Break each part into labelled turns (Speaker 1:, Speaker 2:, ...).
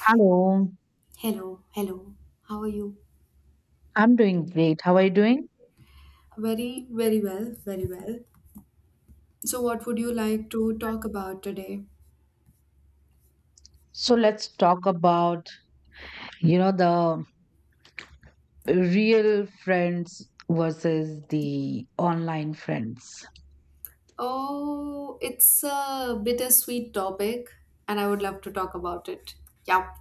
Speaker 1: Hello,
Speaker 2: Hello, hello. How are you?
Speaker 1: I'm doing great. How are you doing?
Speaker 2: Very, very well, very well. So, what would you like to talk about today?
Speaker 1: So let's talk about, the real friends versus the online friends.
Speaker 2: Oh, it's a bittersweet topic and I would love to talk about it. Yeah.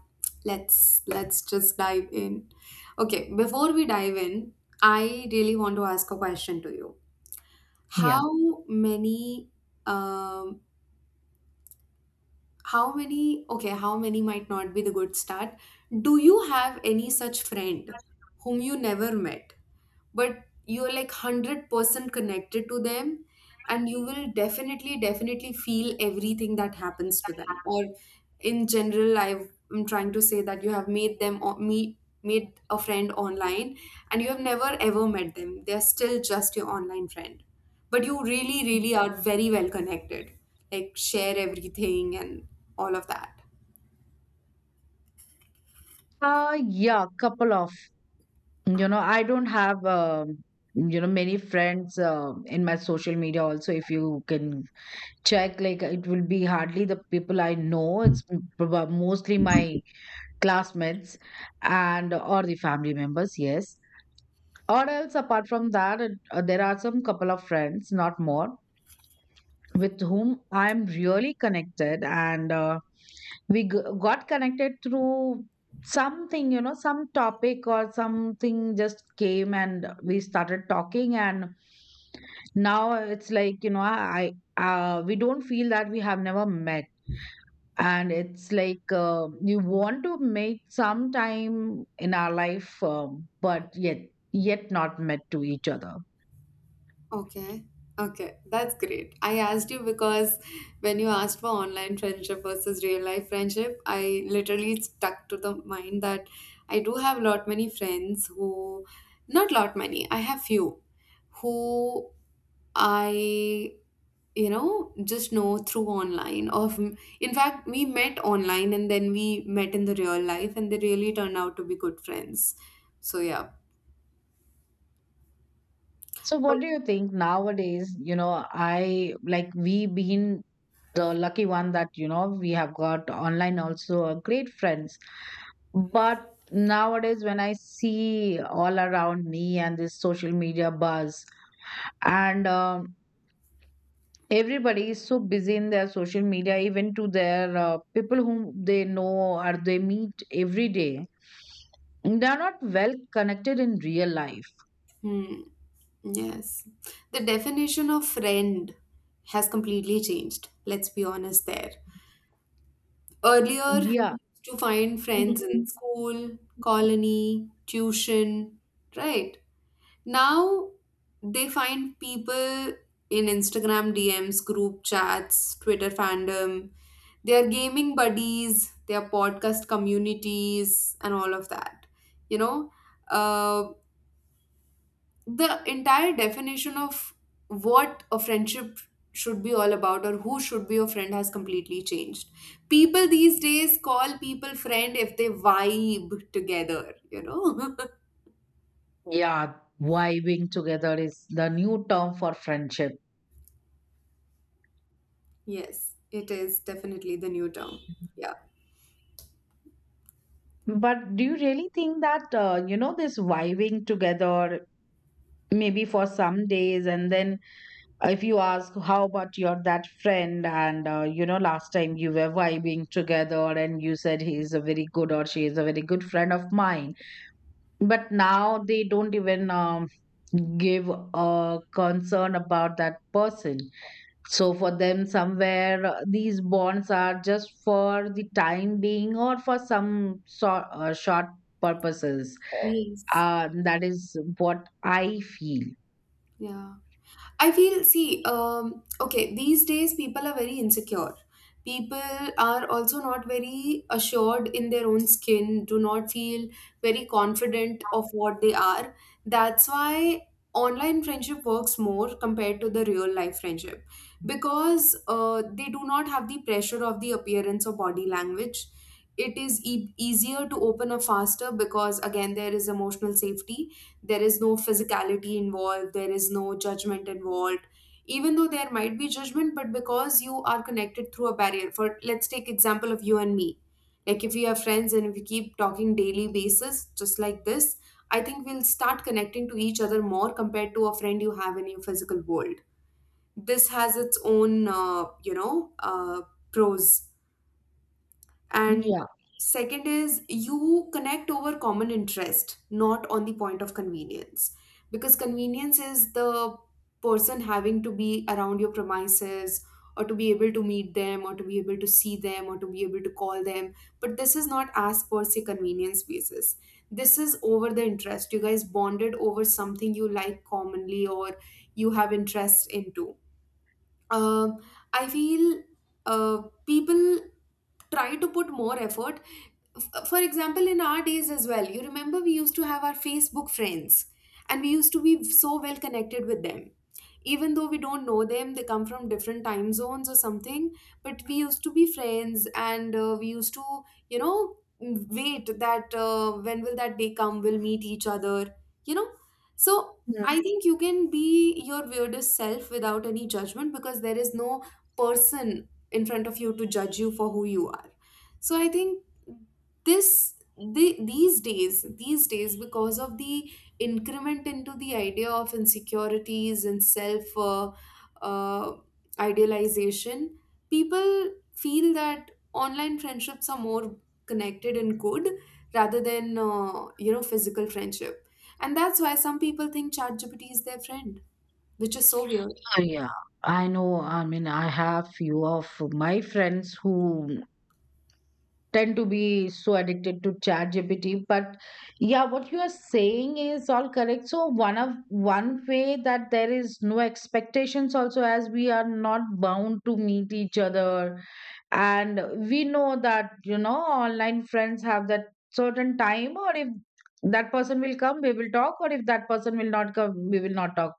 Speaker 2: Let's just dive in. Okay, before we dive in, I really want to ask a question to you.
Speaker 1: Yeah.
Speaker 2: How many um how many okay how many might not be the good start, do you have any such friend whom you never met, but you're like 100% connected to them, and you will definitely definitely feel everything that happens to them? Or in general, I've, I'm trying to say that you have made them meet made a friend online and you have never ever met them, they're still just your online friend, but you really really are very well connected, like share everything and all of that.
Speaker 1: Uh yeah, couple of, I don't have many friends in my social media also. If you can check, like it will be hardly the people I know. It's mostly my classmates and or the family members, yes. Or else, apart from that, there are some couple of friends, not more, with whom I'm really connected. And we got connected through something, some topic or something just came and we started talking. And now it's like, I we don't feel that we have never met. And it's like you want to make some time in our life, but yet not met to each other.
Speaker 2: Okay. Okay, that's great. I asked you because when you asked for online friendship versus real life friendship, I literally stuck to the mind that I do have lot many friends who, not lot many, I have few who I, just know through online. Of in fact, we met online and then we met in the real life, and they really turned out to be good friends. So yeah,
Speaker 1: So
Speaker 2: but
Speaker 1: what do you think nowadays? I like we been the lucky one that we have got online also a great friends. But nowadays, when I see all around me and this social media buzz, and everybody is so busy in their social media, even to their people whom they know or they meet every day, they are not well connected in real life.
Speaker 2: hmm, yes. The definition of friend has completely changed. Let's be honest there. Earlier, you
Speaker 1: Yeah.
Speaker 2: used to find friends in school, colony, tuition, right? Now, they find people in Instagram DMs, group chats, Twitter fandom. They are gaming buddies, they are podcast communities, and all of that. You know, uh, the entire definition of what a friendship should be all about or who should be your friend has completely changed. People these days call people friend if they vibe together, you know?
Speaker 1: Yeah, vibing together is the new term for friendship.
Speaker 2: Yes, it is definitely the new term. Yeah.
Speaker 1: But do you really think that, this vibing together, maybe for some days, and then if you ask, how about your that friend? And, last time you were vibing together and you said he is a very good or she is a very good friend of mine. But now they don't even give a concern about that person. So for them, somewhere these bonds are just for the time being or for some sort short purposes.
Speaker 2: Yes.
Speaker 1: That is what I feel.
Speaker 2: Yeah. I feel, see, okay, these days people are very insecure. People are also not very assured in their own skin, do not feel very confident of what they are. That's why online friendship works more compared to the real life friendship because they do not have the pressure of the appearance or body language. It is easier to open up faster because, again, there is emotional safety, there is no physicality involved, there is no judgment involved. Even though there might be judgment, but because you are connected through a barrier, for let's take example of you and me, like if we are friends and if we keep talking daily basis just like this, I think we'll start connecting to each other more compared to a friend you have in your physical world. This has its own pros. And
Speaker 1: Yeah.
Speaker 2: second is you connect over common interest, not on the point of convenience. Because convenience is the person having to be around your premises or to be able to meet them or to be able to see them or to be able to call them. But this is not as per se convenience basis. This is over the interest. You guys bonded over something you like commonly or you have interest into. Um, I feel people try to put more effort, for example, in our days as well, you remember we used to have our Facebook friends and we used to be so well connected with them. Even though we don't know them, they come from different time zones or something, but we used to be friends and we used to, you know, wait that when will that day come, we'll meet each other, you know. So
Speaker 1: Mm.
Speaker 2: I think you can be your weirdest self without any judgment because there is no person in front of you to judge you for who you are. So I think this these days, these days, because of the increment into the idea of insecurities and self uh, idealization, people feel that online friendships are more connected and good rather than physical friendship, and that's why some people think ChatGPT is their friend, which is so weird.
Speaker 1: Yeah, I know. I mean, I have few of my friends who tend to be so addicted to Chat GPT, but yeah, what you are saying is all correct. So one way that there is no expectations also, as we are not bound to meet each other. And we know that online friends have that certain time, or if that person will come we will talk, or if that person will not come we will not talk.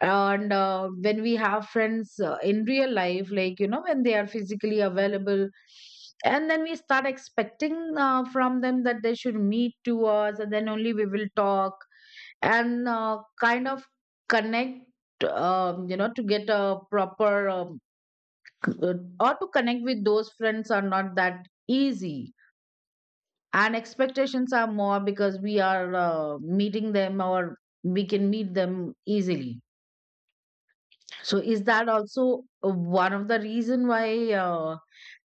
Speaker 1: And when we have friends in real life, like when they are physically available, and then we start expecting from them that they should meet to us, and then only we will talk. And kind of connect, to get a proper c- uh, or to connect with those friends are not that easy. And expectations are more because we are meeting them, or we can meet them easily. So is that also one of the reason why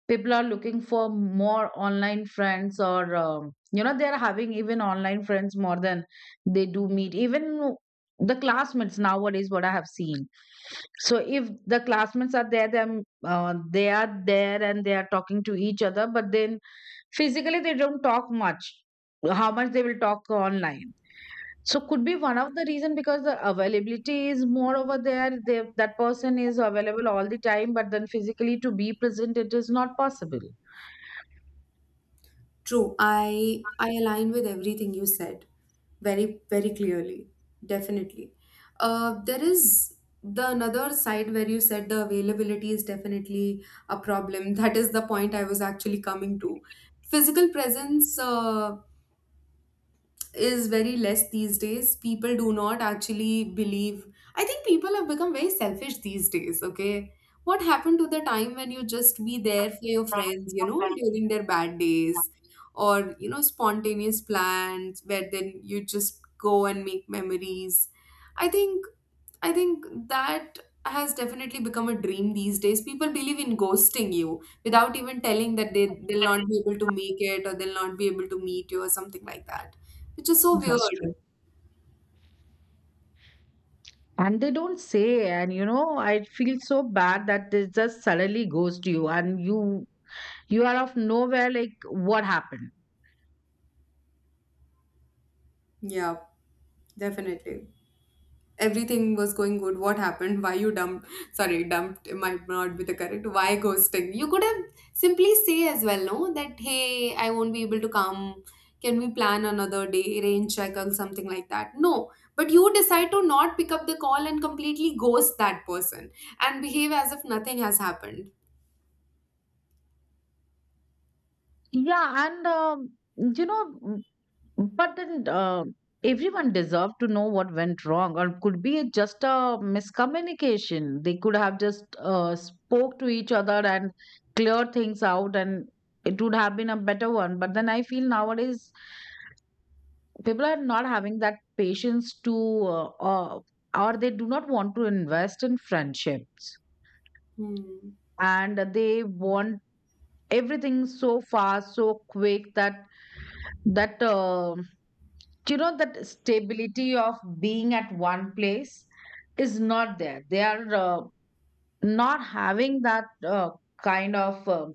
Speaker 1: people are looking for more online friends, or they're having even online friends more than they do meet even the classmates nowadays, what I have seen. So if the classmates are there, them they are there and they are talking to each other, but then physically they don't talk much. How much they will talk online. So could be one of the reason, because the availability is more over there. That person is available all the time, but then physically to be present, it is not possible.
Speaker 2: True, I align with everything you said very very clearly. Definitely. There is the another side where you said the availability is definitely a problem. That is the point I was actually coming to. Physical presence is very less these days. People do not actually believe. I think people have become very selfish these days, okay? What happened to the time when you just be there for your friends, you know, during their bad days or, you know, spontaneous plans where then you just go and make memories? I think I think that has definitely become a dream these days. People believe in ghosting you without even telling that they'll not be able to make it or they'll not be able to meet you or something like that, which is so weird.
Speaker 1: That's true. And they don't say, and I feel so bad that they just suddenly ghost you, and you are of nowhere. Like what happened?
Speaker 2: Yeah, definitely. Everything was going good. What happened? Why you dumped? Sorry, dumped might not be the correct. Why ghosting? You could have simply say as well, no, that hey, I won't be able to come. Can we plan another day, rain check or something like that? No. But you decide to not pick up the call and completely ghost that person and behave as if nothing has happened.
Speaker 1: Yeah, and you know. But then everyone deserved to know what went wrong, or could be it just a miscommunication. They could have just spoke to each other and cleared things out, and it would have been a better one. But then I feel nowadays people are not having that patience to, uh, uh, or they do not want to invest in friendships,
Speaker 2: Hmm.
Speaker 1: and they want everything so fast, so quick that that Do you know that stability of being at one place is not there? They are not having that kind of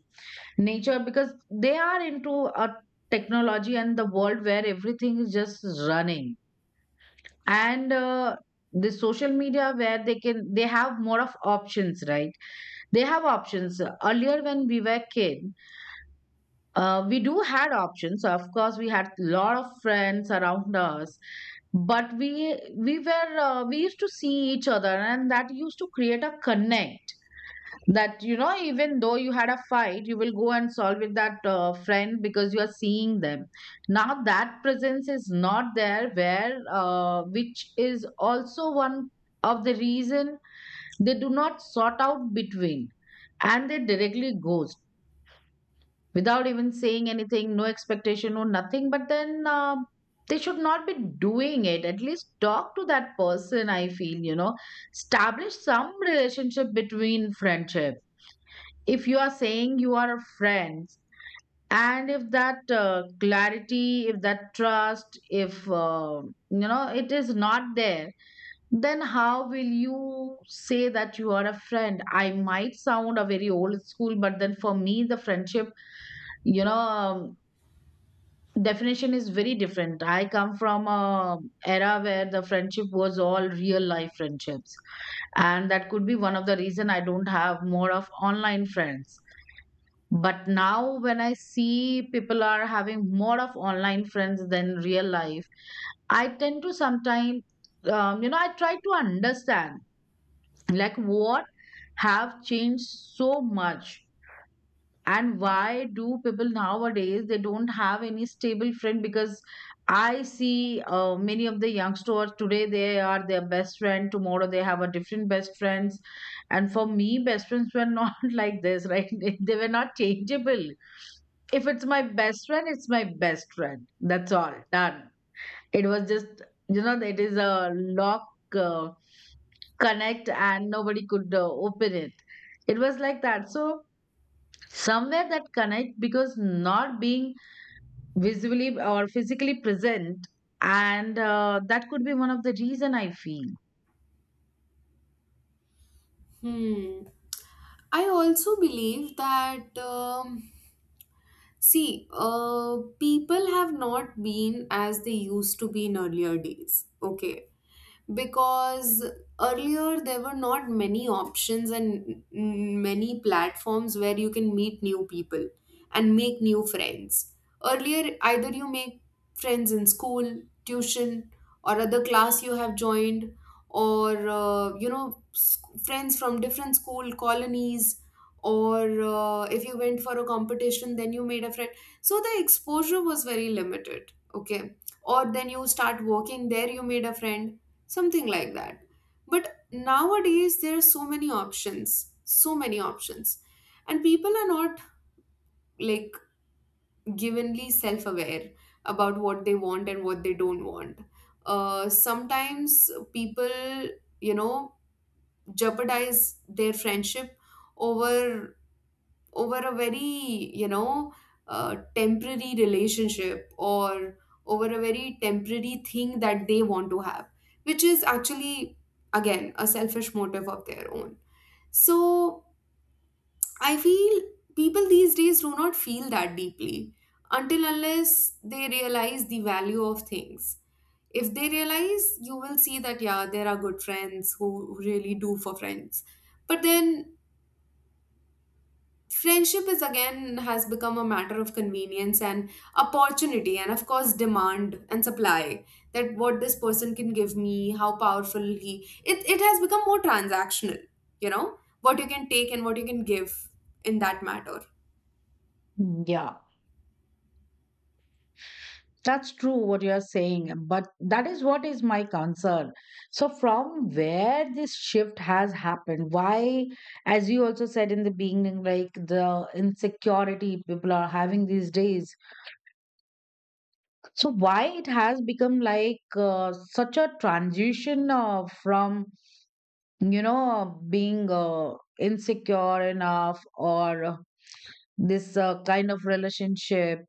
Speaker 1: nature, because they are into a technology and the world where everything is just running, and the social media, where they have more of options, right? They have options. Earlier when we were kid, we do had options. So, of course, we had lot of friends around us, but we used to see each other, and that used to create a connect. That, even though you had a fight, you will go and solve with that friend, because you are seeing them. Now that presence is not there, where which is also one of the reason they do not sort out between, and they directly ghost without even saying anything, no expectation, no nothing. But then they should not be doing it. At least talk to that person, I feel, establish some relationship between friendship. If you are saying you are friends, and if that clarity, if that trust, if it is not there, then how will you say that you are a friend? I might sound a very old school, but then for me, the friendship, you know um, definition is very different. I come from a era where the friendship was all real life friendships, and that could be one of the reason I don't have more of online friends. But now, when I see people are having more of online friends than real life, I tend to sometimes, I try to understand like what have changed so much, and why do people nowadays they don't have any stable friend, because I see many of the youngsters today they are their best friend, tomorrow they have a different best friends. And for me, best friends were not like this, right? They were not changeable. If it's my best friend, it's my best friend, that's all done. It was just, it is a lock, uh, connect, and nobody could open it. It was like that. So somewhere that connect, because not being visibly or physically present, and that could be one of the reason I feel.
Speaker 2: Hmm. I also believe that, see, people have not been as they used to be in earlier days. Okay, because earlier there were not many options and many platforms where you can meet new people and make new friends. Earlier, either you make friends in school, tuition, or other class you have joined, or friends from different school colonies, or if you went for a competition, then you made a friend. So the exposure was very limited, okay? Or then you start working there, you made a friend, something like that. But nowadays there are so many options, so many options, and people are not like givenly self-aware about what they want and what they don't want. Sometimes people, you know, jeopardize their friendship over, over a very, you know, temporary relationship or over a very temporary thing that they want to have, which is actually again a selfish motive of their own. So I feel people these days do not feel that deeply until unless they realize the value of things. If they realize, you will see that yeah, there are good friends who really do for friends. But then friendship is again has become a matter of convenience and opportunity and of course demand and supply. That what this person can give me, how powerful he, it has become more transactional. You know, what you can take and what you can give, in that matter.
Speaker 1: Yeah, that's true what you are saying, but that is what is my concern. So, from where this shift has happened, why, as you also said in the beginning, like the insecurity people are having these days, so why it has become like such a transition from, being insecure enough, or this kind of relationship,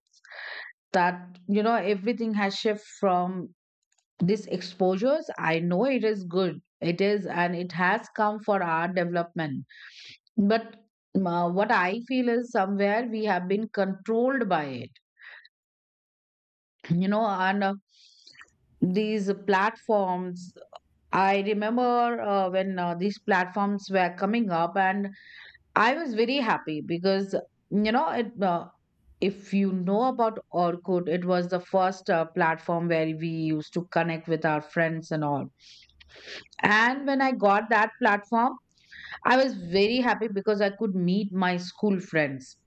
Speaker 1: that, everything has shift from these exposures. I know it is good. It is, and it has come for our development. But what I feel is somewhere we have been controlled by it, and these platforms. I remember when these platforms were coming up, and I was very happy because you know it. If you know about Orkut, it was the first platform where we used to connect with our friends and all. And when I got that platform, I was very happy because I could meet my school friends.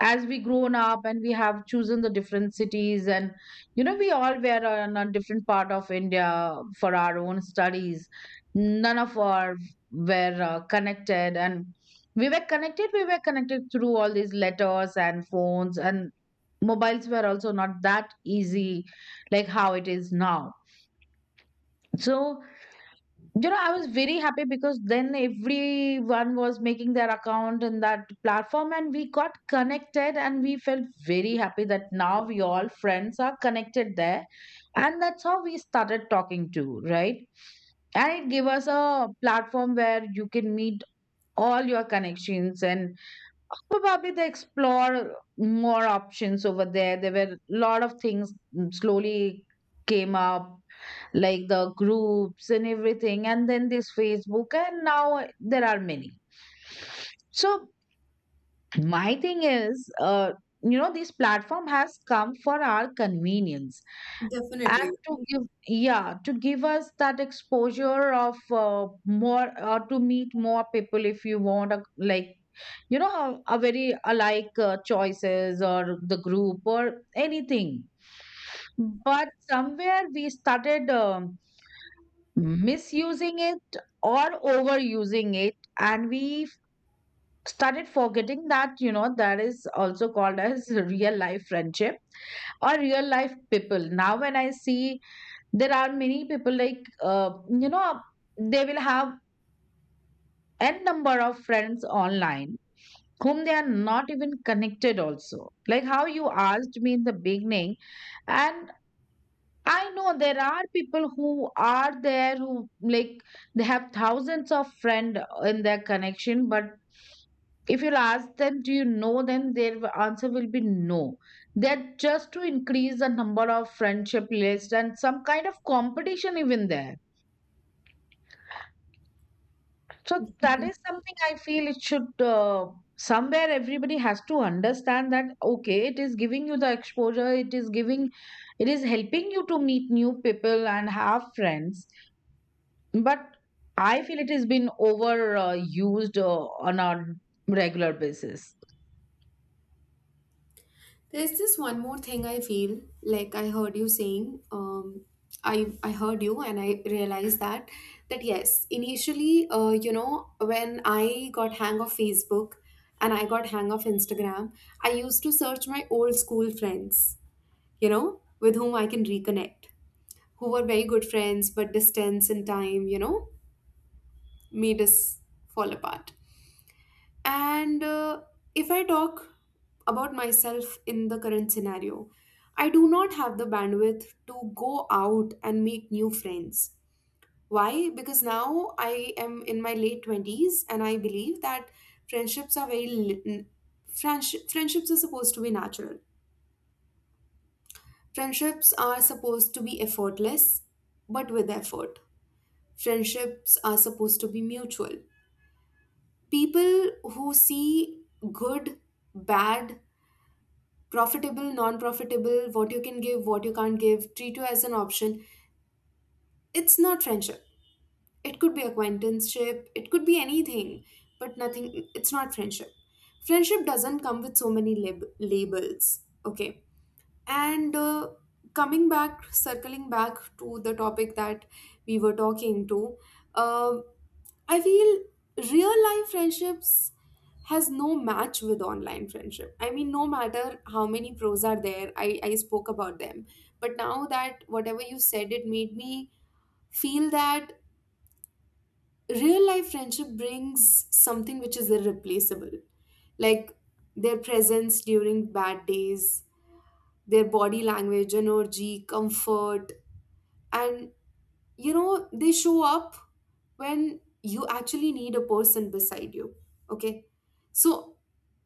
Speaker 1: As we grown up and we have chosen the different cities, and, we all were on a different part of India for our own studies. None of our were connected, and we were connected. We were connected through all these letters and phones, and mobiles were also not that easy, like how it is now. So you know, I was very happy because then everyone was making their account in that platform, and we got connected, and we felt very happy that now we all friends are connected there. And that's how we started talking too, right? And it gave us a platform where you can meet all your connections, and probably they explore more options over there. There were a lot of things slowly came up, like the groups and everything, and then this Facebook, and now there are many. So my thing is, you know, this platform has come for our convenience and
Speaker 2: Definitely.
Speaker 1: to give, yeah, to give us that exposure of more, or to meet more people if you want a, like, you know, how a very alike choices or the group or anything. But somewhere we started misusing it or overusing it, and we started forgetting that, you know, that is also called as real life friendship or real life people. Now when I see, there are many people like, you know, they will have n number of friends online whom they are not even connected also, like how you asked me in the beginning. And I know there are people who are there who like, they have thousands of friend in their connection, but if you'll ask them, do you know them? Their answer will be no. They're just to increase the number of friendship list and some kind of competition even there. So that is something I feel it should, somewhere everybody has to understand that okay, it is giving you the exposure, it is giving, it is helping you to meet new people and have friends, but I feel it has been overused, used on a regular basis.
Speaker 2: There's this one more thing I feel like I heard you saying. I heard you and I realized that that yes, initially, you know, when I got hang of Facebook and I got hang of Instagram, I used to search my old school friends, you know, with whom I can reconnect, who were very good friends but distance and time, you know, made us fall apart. And if I talk about myself in the current scenario, I do not have the bandwidth to go out and make new friends. Why? Because now I am in my late 20s and I believe that friendships are very friendships are supposed to be natural. Friendships are supposed to be effortless but with effort. Friendships are supposed to be mutual. People who see good, bad, profitable, non profitable, what you can give, what you can't give, treat you as an option. It's not friendship. It could be acquaintanceship, it could be anything, but nothing, it's not friendship. Friendship doesn't come with so many labels, okay? And coming back, circling back to the topic that we were talking to, uh, I feel real life friendships has no match with online friendship. I mean, no matter how many pros are there, I spoke about them. But now that whatever you said, it made me feel that real life friendship brings something which is irreplaceable. Like their presence during bad days, their body language, energy, comfort, and you know they show up when you actually need a person beside you, okay? So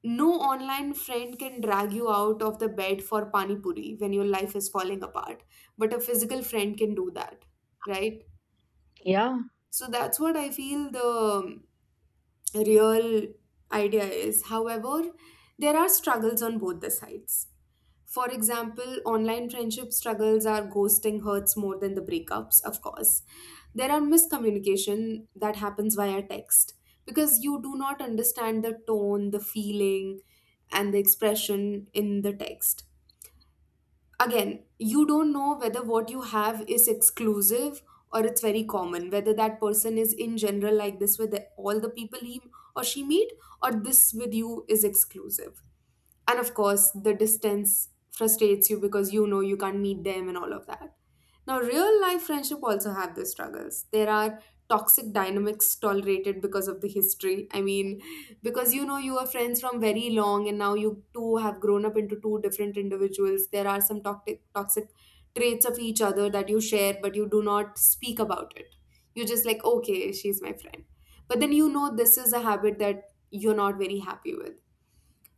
Speaker 2: no online friend can drag you out of the bed for pani puri when your life is falling apart, but a physical friend can do that, right?
Speaker 1: Yeah.
Speaker 2: So that's what I feel. The real idea is, however, there are struggles on both the sides. For example, online friendship struggles are ghosting hurts more than the breakups, of course. There are miscommunication that happens via text because you do not understand the tone, the feeling, and the expression in the text. Again, you don't know whether what you have is exclusive or it's very common, whether that person is in general like this with all the people he or she meet, or this with you is exclusive. And of course the distance frustrates you because you know you can't meet them and all of that. Now real life friendship also have their struggles. There are toxic dynamics tolerated because of the history. I mean, because you know you were friends from very long and now you two have grown up into two different individuals. There are some toxic traits of each other that you share but you do not speak about it. You're just like, okay, she's my friend, but then you know this is a habit that you're not very happy with.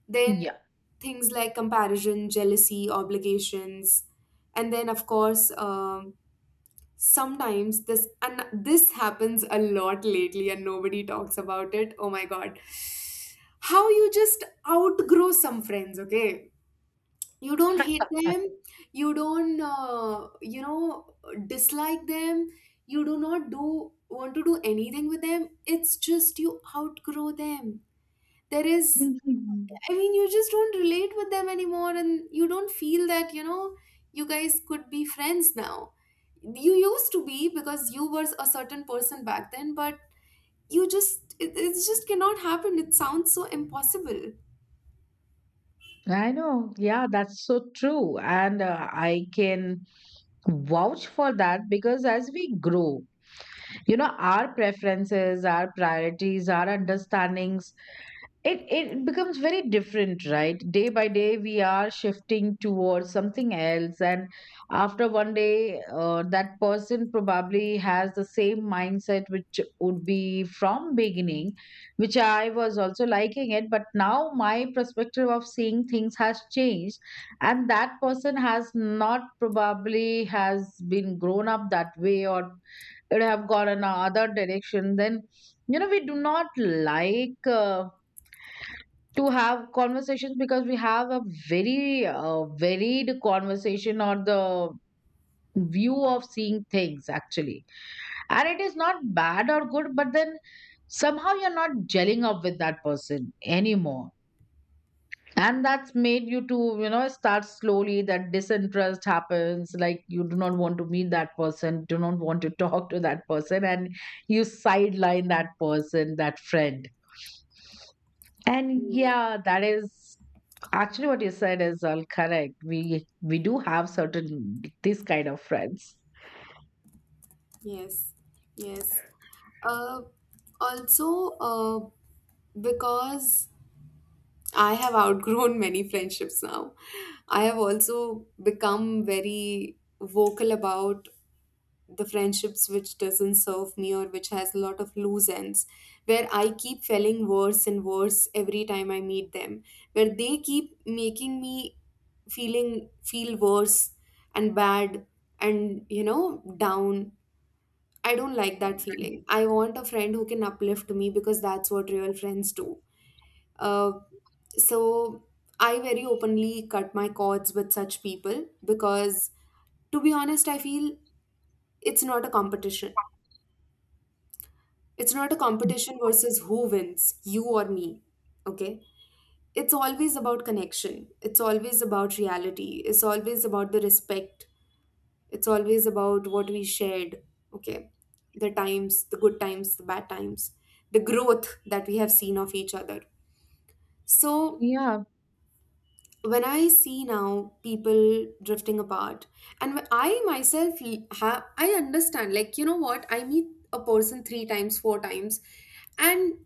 Speaker 2: Then
Speaker 1: Yeah.
Speaker 2: things like comparison, jealousy, obligations, and then of course, sometimes this and this happens a lot lately, and nobody talks about it. Oh my god, how you just outgrow some friends? Okay, you don't hate them,
Speaker 1: Mhm.
Speaker 2: you don't, dislike them, you do not do want to do anything with them. It's just you outgrow them. There is I mean, you just don't relate with them anymore, and you don't feel that, you know, you guys could be friends now. You used to be because you were a certain person back then, but you just, it just cannot happen. It sounds so impossible.
Speaker 1: I know. Yeah, that's so true. And I can vouch for that because as we grow, you know, our preferences, our priorities, our understandings, it becomes very different, right? Day by day we are shifting towards something else, and after one day, that person probably has the same mindset which would be from beginning, which I was also liking it, but now my perspective of seeing things has changed, and that person has not, probably has been grown up that way, or it have gone in another direction. Then you know, we do not like, to have conversations because we have a very varied conversation or the view of seeing things actually. And it is not bad or good, but then somehow you're not gelling up with that person anymore, and that's made you to, you know, start slowly that disinterest happens, like you do not want to meet that person, do not want to talk to that person, and you sideline that person, that friend. And
Speaker 2: Mm,
Speaker 1: yeah, that is actually what you said is all correct. We do have certain this kind of friends.
Speaker 2: yes, yes. Uh, also, because I have outgrown many friendships now, I have also become very vocal about the friendships which doesn't serve me or which has a lot of loose ends, where I keep feeling worse and worse every time I meet them, where they keep making me feel worse and bad and you know down. I don't like that feeling. I want a friend who can uplift me because that's what real friends do. uh, so I very openly cut my cords with such people because to be honest I feel it's not a competition. It's not a competition versus who wins, you or me. Okay? It's always about connection. It's always about reality. It's always about the respect. It's always about what we shared. Okay? The times, the good times, the bad times, the growth that we have seen of each other. So,
Speaker 1: Yeah,
Speaker 2: when I see now people drifting apart, and when I myself have, I understand, like, you know what, I meet a person 3 times, 4 times, and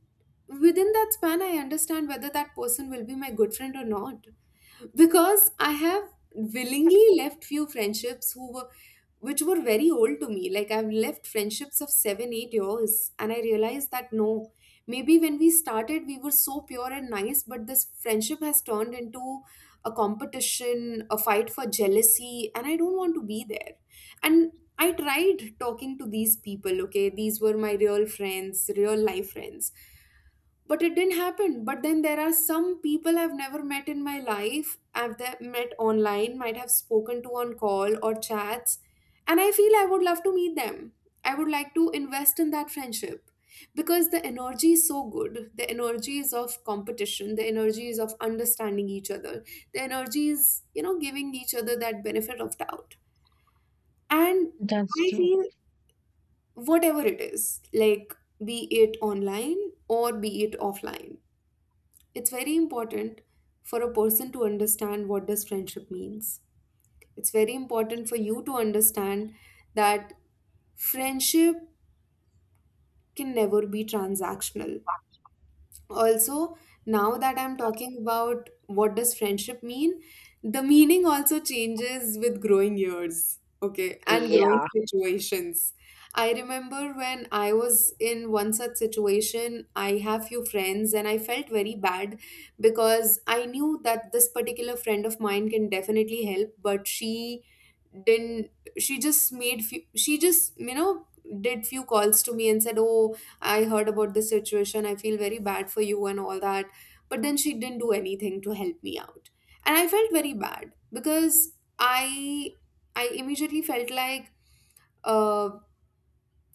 Speaker 2: within that span, I understand whether that person will be my good friend or not, because I have willingly left few friendships who were which were very old to me. Like I've left friendships of 7, 8 years, and I realized that no, maybe when we started we were so pure and nice, but this friendship has turned into a competition, a fight for jealousy, and I don't want to be there. And I tried talking to these people, okay? These were my real friends, real life friends, but it didn't happen. But then there are some people I've never met in my life. I've met online, might have spoken to on call or chats, and I feel I would love to meet them. I would like to invest in that friendship because the energy is so good. The energy is of competition, the energy is of understanding each other, the energy is, you know, giving each other that benefit of doubt. And
Speaker 1: that's
Speaker 2: I
Speaker 1: true.
Speaker 2: feel whatever it is, like, be it online or be it offline, it's very important for a person to understand what does friendship means. It's very important for you to understand that friendship can never be transactional. Also, now that I'm talking about what does friendship mean, the meaning also changes with growing years, okay, and growing
Speaker 1: Yeah,
Speaker 2: situations. I remember when I was in one such situation, I have few friends and I felt very bad because I knew that this particular friend of mine can definitely help, but she didn't. She just she just you know did few calls to me and said, oh, I heard about this situation, I feel very bad for you and all that. But then she didn't do anything to help me out, and I felt very bad because i I immediately felt like, uh,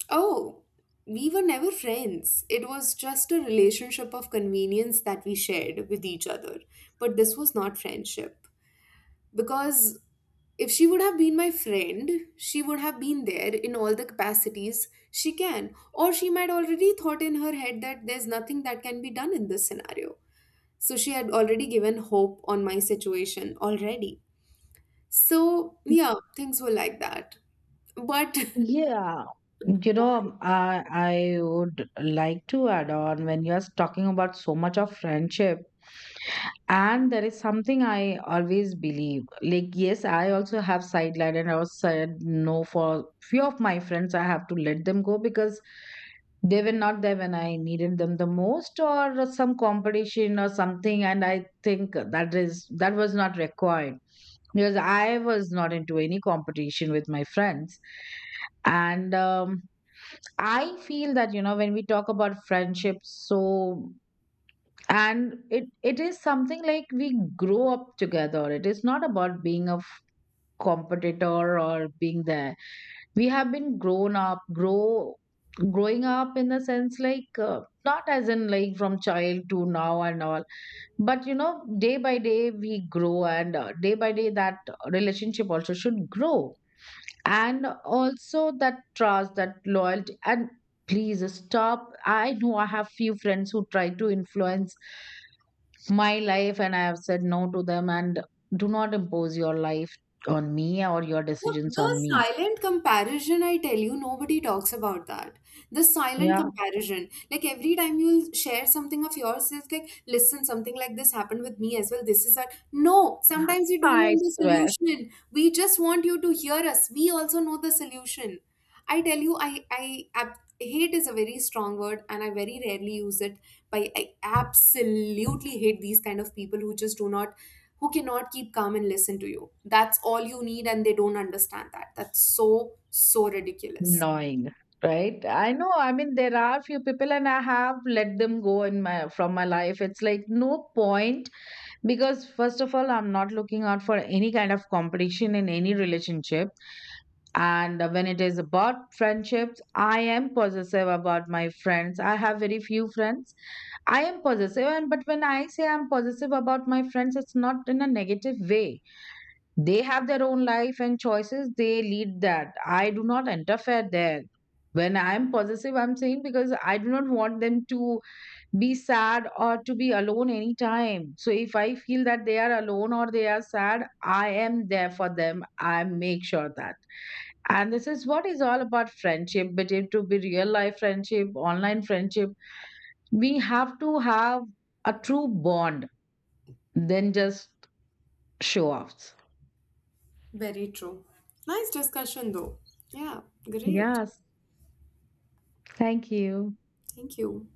Speaker 2: oh, we were never friends. It was just a relationship of convenience that we shared with each other, but this was not friendship. Because if she would have been my friend, she would have been there in all the capacities she can. Or she might already thought in her head that there's nothing that can be done in this scenario, so she had already given hope on my situation already. So yeah, things were like that. But
Speaker 1: yeah. You know, I would like to add on when you're talking about so much of friendship, and there is something I always believe. Like, yes, I also have sidelined, and I was said no for few of my friends. I have to let them go because they were not there when I needed them the most, or some competition or something. And I think that is that was not required because I was not into any competition with my friends. And I feel that you know, when we talk about friendship, so, and it is something like we grow up together. It is not about being a competitor or being there. We have been grown up, grow, growing up in the sense like, not as in like from child to now and all, but you know, day by day we grow, and day by day that relationship also should grow, and also that trust, that loyalty, and please stop. I know I have few friends who try to influence my life, and I have said no to them, and do not impose your life on me or your
Speaker 2: The,
Speaker 1: decisions on
Speaker 2: the
Speaker 1: me.
Speaker 2: silent comparison, I tell you, nobody talks about that. The silent
Speaker 1: Yeah.
Speaker 2: comparison. Like every time you'll share something of yours, it's like, listen, something like this happened with me as well. This is that. No, sometimes we don't
Speaker 1: I
Speaker 2: want the
Speaker 1: swear.
Speaker 2: solution. We just want you to hear us. We also know the solution. I tell you, hate is a very strong word and I very rarely use it, but I absolutely hate these kind of people who just do not who cannot keep calm and listen to you. That's all you need, and they don't understand that. That's so, so ridiculous.
Speaker 1: Gnawing, right? I know. I mean, there are few people, and I have let them go in my from my life. It's like no point, because first of all, I'm not looking out for any kind of competition in any relationship. And when it is about friendships, I am possessive about my friends. I have very few friends. I am possessive, and but when I say I'm possessive about my friends, it's not in a negative way. They have their own life and choices. They lead that. I do not interfere there. When I'm possessive, I'm saying because I do not want them to be sad or to be alone anytime. So if I feel that they are alone or they are sad, I am there for them. I make sure that. And this is what is all about friendship, but it to be real life friendship, online friendship, we have to have a true bond, then just show offs.
Speaker 2: Very true. Nice discussion, though. Yeah, great.
Speaker 1: Yes. Thank you.
Speaker 2: Thank you.